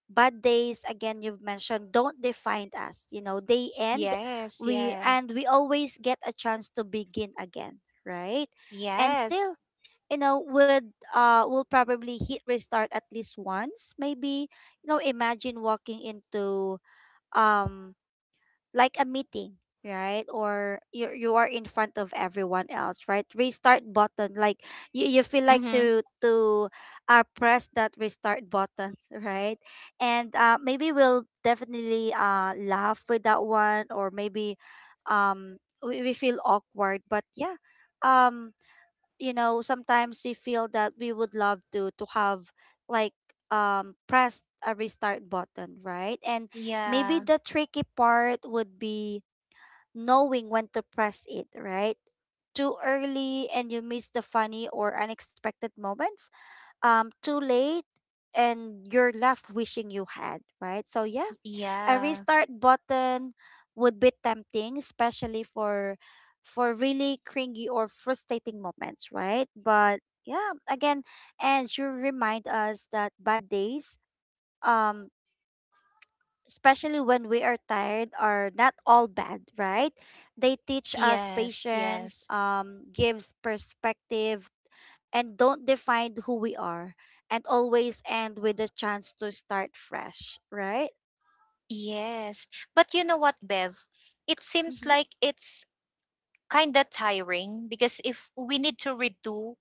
A: bad days again you've mentioned don't define us. You know, they end.
B: Yes.
A: We
B: Yeah.
A: and we always get a chance to begin again, right? And
B: Yes.
A: still you know would will probably hit restart at least once maybe you know imagine walking into um like a meeting, right? Or you are in front of everyone else, right? Restart button, like you feel like
B: Mm-hmm.
A: to press that restart button right. And maybe we'll definitely laugh with that one, or maybe um we feel awkward but yeah. um you know, sometimes we feel that we would love to have like press a restart button, right? And maybe
B: Yeah,
A: the tricky part would be knowing when to press it, right? Too early and you miss the funny or unexpected moments, too late and you're left wishing you had, right? So yeah, a
B: yeah,
A: restart button would be tempting, especially for really cringy or frustrating moments, right? But yeah, again, and you remind us that bad days, um, especially when we are tired, are not all bad, right? They teach us
B: yes,
A: patience,
B: yes,
A: gives perspective, and don't define who we are, and always end with a chance to start fresh, right?
B: yes. But you know what, Bev? It seems
A: Mm-hmm.
B: like it's kind of tiring because if we need to redo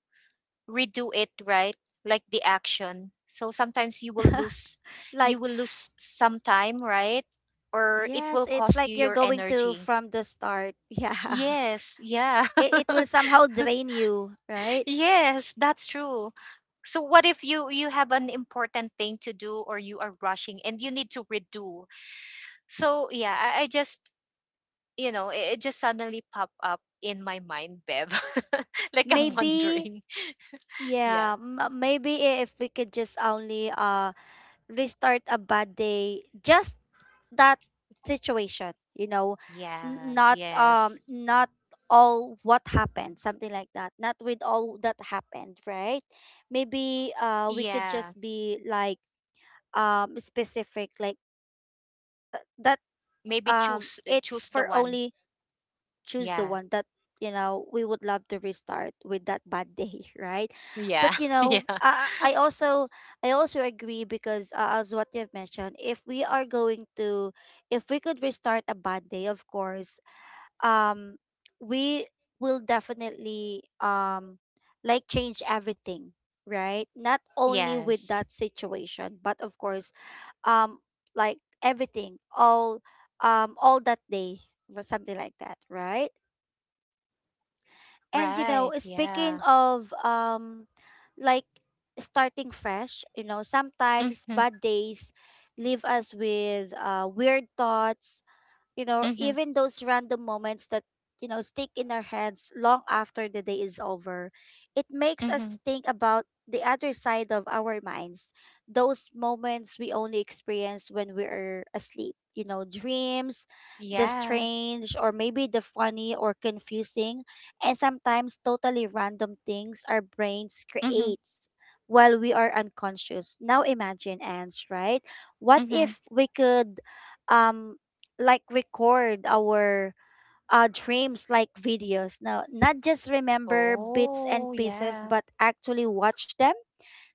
B: redo it, right? Like the action. So sometimes you will lose you
A: Like,
B: will lose some time, right? Or it
A: yes,
B: will
A: it's
B: cost
A: like
B: you
A: you're
B: your
A: going to
B: energy.
A: from the start. Yeah.
B: Yes, yeah.
A: It will somehow drain you, right?
B: Yes, that's true. So what if you have an important thing to do, or you are rushing and you need to redo. So yeah, I just, it just suddenly pop up in my mind, Bev. Like, I'm
A: Maybe,
B: wondering. Yeah.
A: yeah, if we could just only restart a bad day, just that situation, you know,
B: Yeah. Yes.
A: not all what happened, something like that. Not with all that happened, right? Maybe we could just
B: Yeah.
A: be like specific, like just that,
B: Maybe
A: it's
B: choose
A: for
B: choose
A: only
B: the one.
A: choose the one that,
B: Yeah.
A: you know, we would love to restart with that bad day right. But
B: Yeah.
A: you know
B: Yeah.
A: I also, I also agree because as what you've mentioned, if we are going to, if we could restart a bad day, of course, um we will definitely like change everything, right? Not only with
B: Yes.
A: that situation but of course um like everything, all that day or something like that, right? And you know,
B: Right.
A: speaking
B: Yeah.
A: of like starting fresh, you know, sometimes
B: Mhm.
A: bad days leave us with weird thoughts, you know,
B: Mhm.
A: even those random moments that, you know, stick in our heads long after the day is over. It makes us
B: Mhm.
A: think about the other side of our minds, those moments we only experience when we are asleep, you know, dreams, the
B: Yeah.
A: strange, or maybe the funny or confusing, and sometimes totally random things our brains
B: Mhm.
A: creates while we are unconscious. Now imagine, Ange, right? What
B: Mhm.
A: if we could um like record our dreams like videos. Now, not just remember bits and
B: Oh,
A: pieces,
B: yeah.
A: but actually watch them,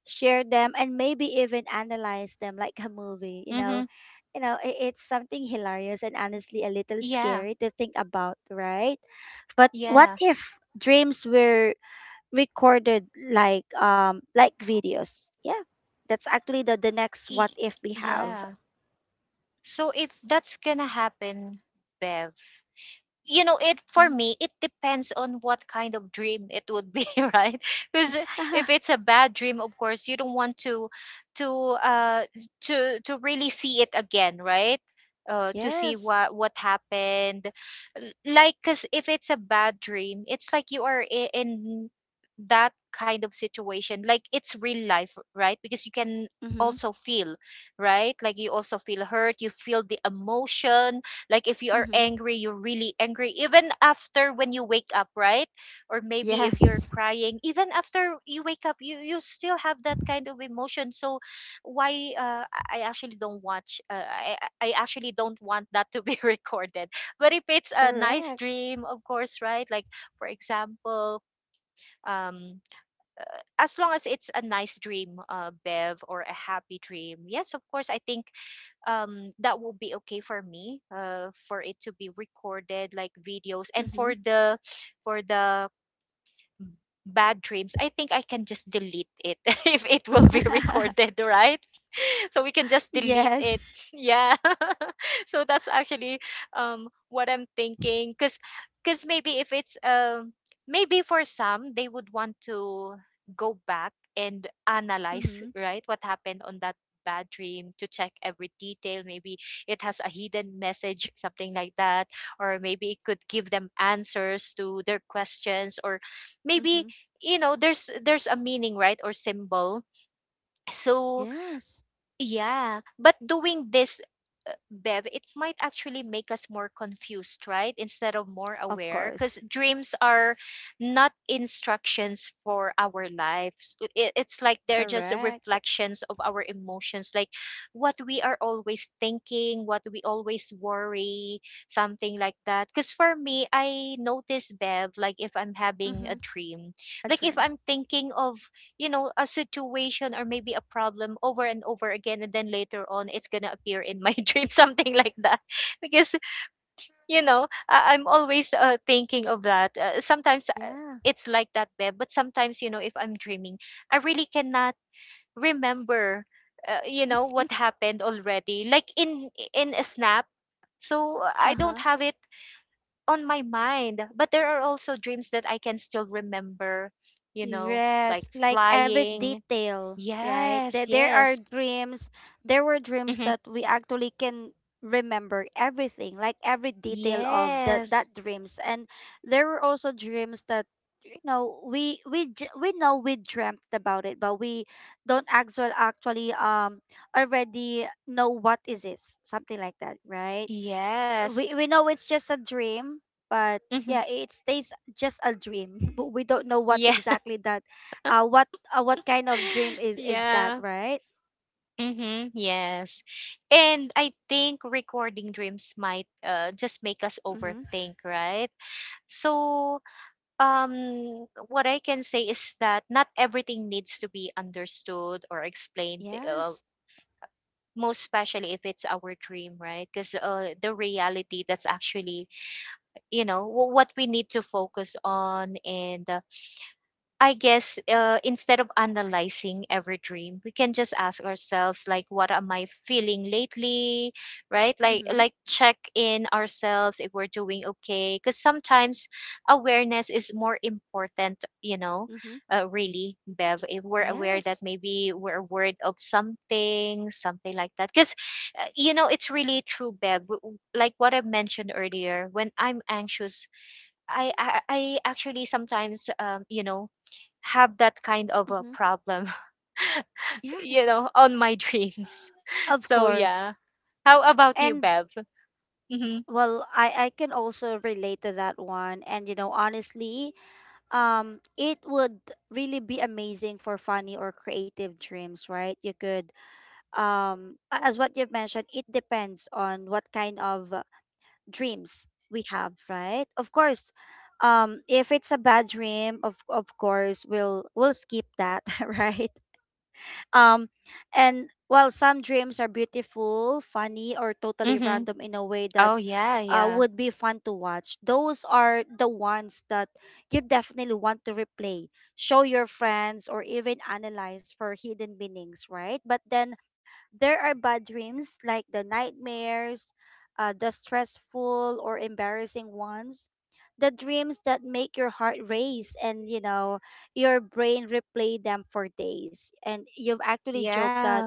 A: share them, and maybe even analyze them like a movie.
B: Mhm.
A: You know, it's something hilarious and honestly a little
B: Yeah.
A: scary to think about, right? But what
B: Yeah.
A: if dreams were recorded like videos? Yeah, that's actually the next what
B: E-
A: if we have.
B: yeah. So if that's gonna happen, Bev. It For
A: Mm.
B: me, it depends on what kind of dream it would be, right? Because if it's a bad dream, of course you don't want to uh to really see it again, right? To
A: Yeah.
B: see
A: Yes.
B: what happened. Like, because if it's a bad dream, it's like you are in that kind of situation, like it's real life, right? Because you can
A: Mm-hmm.
B: also feel, right, like you also feel hurt, you feel the emotion. Like, if you are
A: Mm-hmm.
B: angry, you're really angry even after when you wake up, right? Or maybe if you're
A: Yes,
B: crying, even after you wake up, you still have that kind of emotion. So why, I actually don't watch, I actually don't want that to be recorded. But if it's a nice
A: correct.
B: dream, of course, right? Like, for example, um as long as it's a nice dream, Bev, or a happy dream. Yes, of course, I think that will be okay for me, for it to be recorded like videos, and
A: Mm-hmm.
B: for the bad dreams, I think I can just delete it if it will be recorded, right? So we can just delete it.
A: Yes.
B: Yeah. So that's actually, what I'm thinking. Cuz maybe if it's, maybe for some, they would want to go back and analyze,
A: Mm-hmm.
B: right? What happened on that bad dream, to check every detail. Maybe it has a hidden message, something like that, or maybe it could give them answers to their questions, or maybe,
A: Mm-hmm.
B: there's a meaning, right, or symbol. So
A: Yes,
B: yeah, but doing this, Bev, it might actually make us more confused, right? Instead of more
A: of
B: aware, because
A: course.
B: dreams are not instructions for our lives. It's like they're just
A: Correct.
B: reflections of our emotions, like what we are always thinking, what we always worry, something like that. Because for me, I notice, Bev, like if I'm having a
A: Mm-hmm.
B: dream,
A: A
B: like if
A: dream.
B: I'm thinking of, a situation or maybe a problem over and over again, and then later on it's gonna appear in my dream, something like that. Because, I'm always, thinking of that. Sometimes,
A: Yeah.
B: it's like that, babe. But sometimes, if I'm dreaming, I really cannot remember, what happened already, like in a snap. So, I don't
A: Uh-huh.
B: have it on my mind, but there are also dreams that I can still remember, you know like
A: Yes, like every
B: flying.
A: detail, right? That
B: Yes,
A: there are
B: yes.
A: dreams, there were dreams
B: Hmm.
A: that we actually can remember everything, like every detail of that
B: Yes.
A: that dreams. And there were also dreams that, you know, we know we dreamt about it, but we don't actually actually already know what is this, something like that, right?
B: Yes.
A: We know it's just a dream, but
B: Hmm.
A: yeah, it stays just a dream. But we don't know what
B: Yeah.
A: exactly that, what kind of dream is that,
B: Yeah.
A: right?
B: Hmm. Yes. And I think recording dreams might, just make us
A: Mm-hmm.
B: overthink, right? So, what I can say is that not everything needs to be understood or explained,
A: Yes.
B: most especially if it's our dream, right? Because, the reality, that's actually, what we need to focus on. And, I guess, instead of analyzing every dream, we can just ask ourselves, like, what am I feeling lately, right? Like,
A: Mm-hmm.
B: check in ourselves if we're doing okay, because sometimes awareness is more important.
A: Mm-hmm.
B: Really, Bev, if we're aware that
A: Yes.
B: maybe we're worried of something, something like that. Because, it's really true, Bev. Like what I mentioned earlier, when I'm anxious, I actually sometimes, have that kind of a
A: Mm-hmm.
B: problem,
A: Yes.
B: on my dreams.
A: Of
B: So yeah.
A: course.
B: How about you,
A: And
B: Bev? Mhm.
A: well, I can also relate to that one. And you know, honestly, it would really be amazing for funny or creative dreams, right? You could as what you've mentioned, it depends on what kind of dreams we have, right? Of course, if it's a bad dream, of course we'll skip that right. um and while some dreams are beautiful, funny, or totally
B: Mhm.
A: random in a way that
B: Oh yeah, yeah.
A: would be fun to watch, those are the ones that you definitely want to replay, show your friends, or even analyze for hidden meanings, right? But then there are bad dreams like the nightmares, the stressful or embarrassing ones, the dreams that make your heart race and, you know, your brain replay them for days. And you've actually joked that
B: Yeah.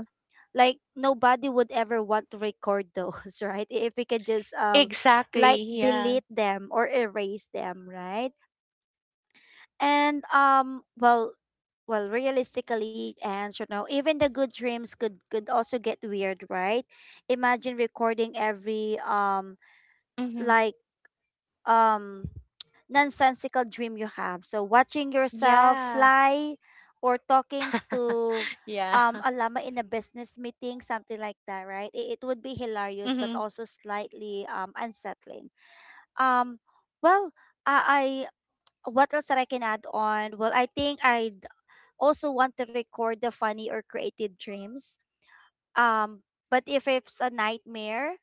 A: like nobody would ever want to record those, right? If we could just
B: Exactly.
A: like
B: Yeah.
A: delete them or erase them, right? And well, well realistically, and you know, even the good dreams could also get weird, right? Imagine recording every
B: Mhm.
A: like um nonsensical dream you have. So watching yourself
B: Yeah.
A: fly or talking to
B: Yeah.
A: a llama in a business meeting, something like that, right? It would be hilarious but
B: Mhm.
A: also slightly unsettling. Um well I What else that I can add on? Well, I think I would also want to record the funny or creative dreams. Um, but if it's a nightmare,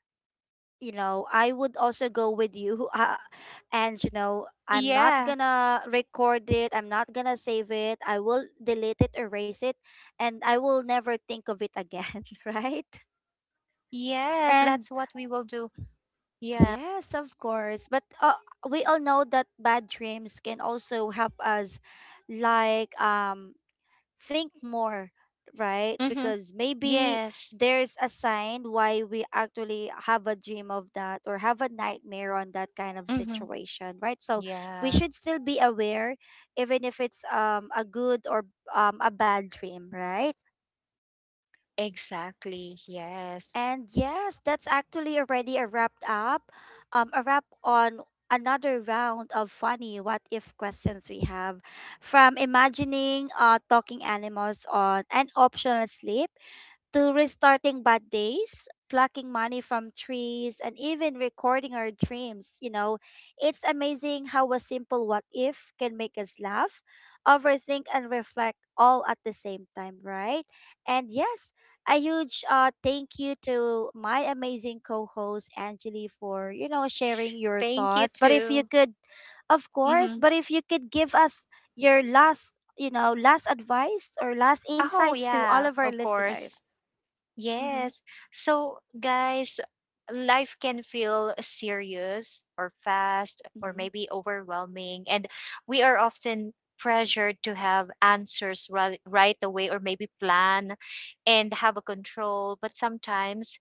A: you know, I would also go with you. And, you know, I'm not
B: Yeah.
A: gonna record it, I'm not gonna save it. I will delete it, erase it, and I will never think of it again, right?
B: Yes,
A: And
B: that's what we will do. Yeah.
A: yes, of course. But we all know that bad dreams can also help us, like, think more, right?
B: Mhm.
A: Because maybe
B: Yes.
A: there's a sign why we actually have a dream of that or have a nightmare on that kind of
B: Mhm.
A: situation, right? So we
B: Yeah.
A: should still be aware, even if it's a good or a bad dream, right?
B: Exactly. Yes.
A: And yes, that's actually already a wrapped up, a wrap on another round of funny what if questions we have, from imagining talking animals on an optional sleep, to restarting bad days, plucking money from trees, and even recording our dreams. You know, it's amazing how a simple what if can make us laugh, overthink, and reflect all at the same time, right? And yes, a huge thank you to my amazing co-host Angeli for, you know, sharing your
B: Thank you
A: thoughts. But if you
B: too.
A: could, of course,
B: Mhm.
A: but if you could give us your last, you know, last advice or last
B: Oh,
A: insights to all
B: yeah,
A: of our
B: of course.
A: listeners. Mm-hmm.
B: Yes. So, guys, life can feel serious or fast or
A: Mm-hmm.
B: maybe overwhelming. And we are often pressured to have answers right, right away, or maybe plan and have a control. But sometimes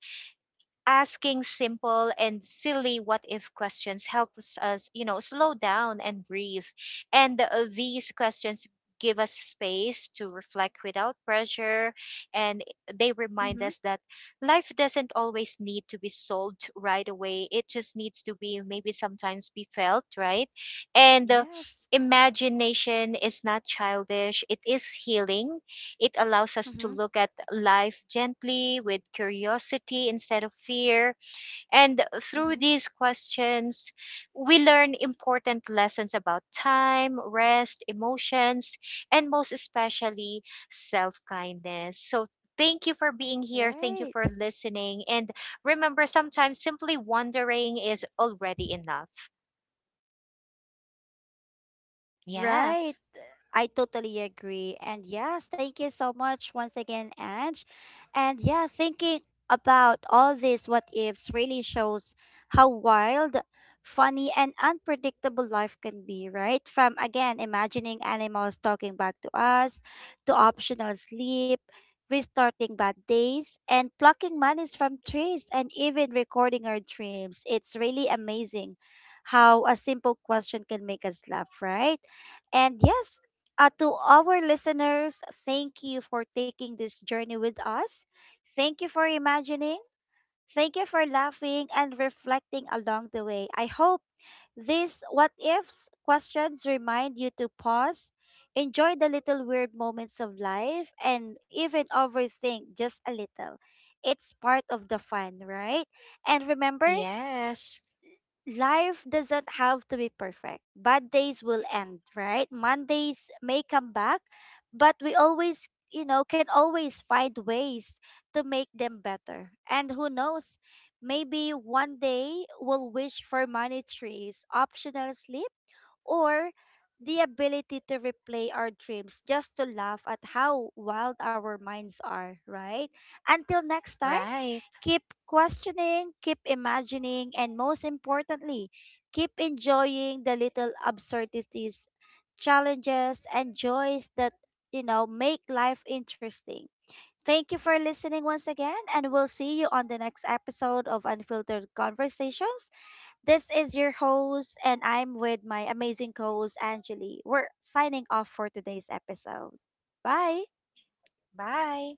B: asking simple and silly what if questions helps us, slow down and breathe. And, these questions give us space to reflect without pressure, and they remind
A: Mm-hmm.
B: us that life doesn't always need to be solved right away, it just needs to be, maybe sometimes, be felt, right? And,
A: Yes.
B: imagination is not childish, it is healing. It allows us to
A: Mm-hmm.
B: look at life gently with curiosity instead of fear. And through
A: Mm-hmm.
B: these questions, we learn important lessons about time, rest, emotions, and most especially self kindness. So, thank you for being here. Thank you
A: Right.
B: for listening. And remember, sometimes simply wondering is already enough. Yeah.
A: Right. I totally agree. And yes, thank you so much once again, Ange. And yeah, thinking about all these what ifs really shows how wild, funny, and unpredictable life can be, right? From again, imagining animals talking back to us, to optional sleep, restarting bad days, and plucking monies from trees, and even recording our dreams. It's really amazing how a simple question can make us laugh, right? And yes, to our listeners, thank you for taking this journey with us. Thank you for imagining. Thank you for laughing and reflecting along the way. I hope these what ifs questions remind you to pause, enjoy the little weird moments of life, and even overthink just a little. It's part of the fun, right? And remember,
B: Yes.
A: life doesn't have to be perfect. Bad days will end, right? Mondays may come back, but we always, you know, can always find ways to make them better. And who knows, maybe one day we'll wish for money trees, optional sleep, or the ability to replay our dreams just to laugh at how wild our minds are, right? Until next time,
B: Right.
A: keep questioning, keep imagining, and most importantly, keep enjoying the little absurdities, challenges, and joys that, you know, make life interesting. Thank you for listening once again, and we'll see you on the next episode of Unfiltered Conversations. This is your host, and I'm with my amazing co host, Angeli. We're signing off for today's episode. Bye.
B: Bye.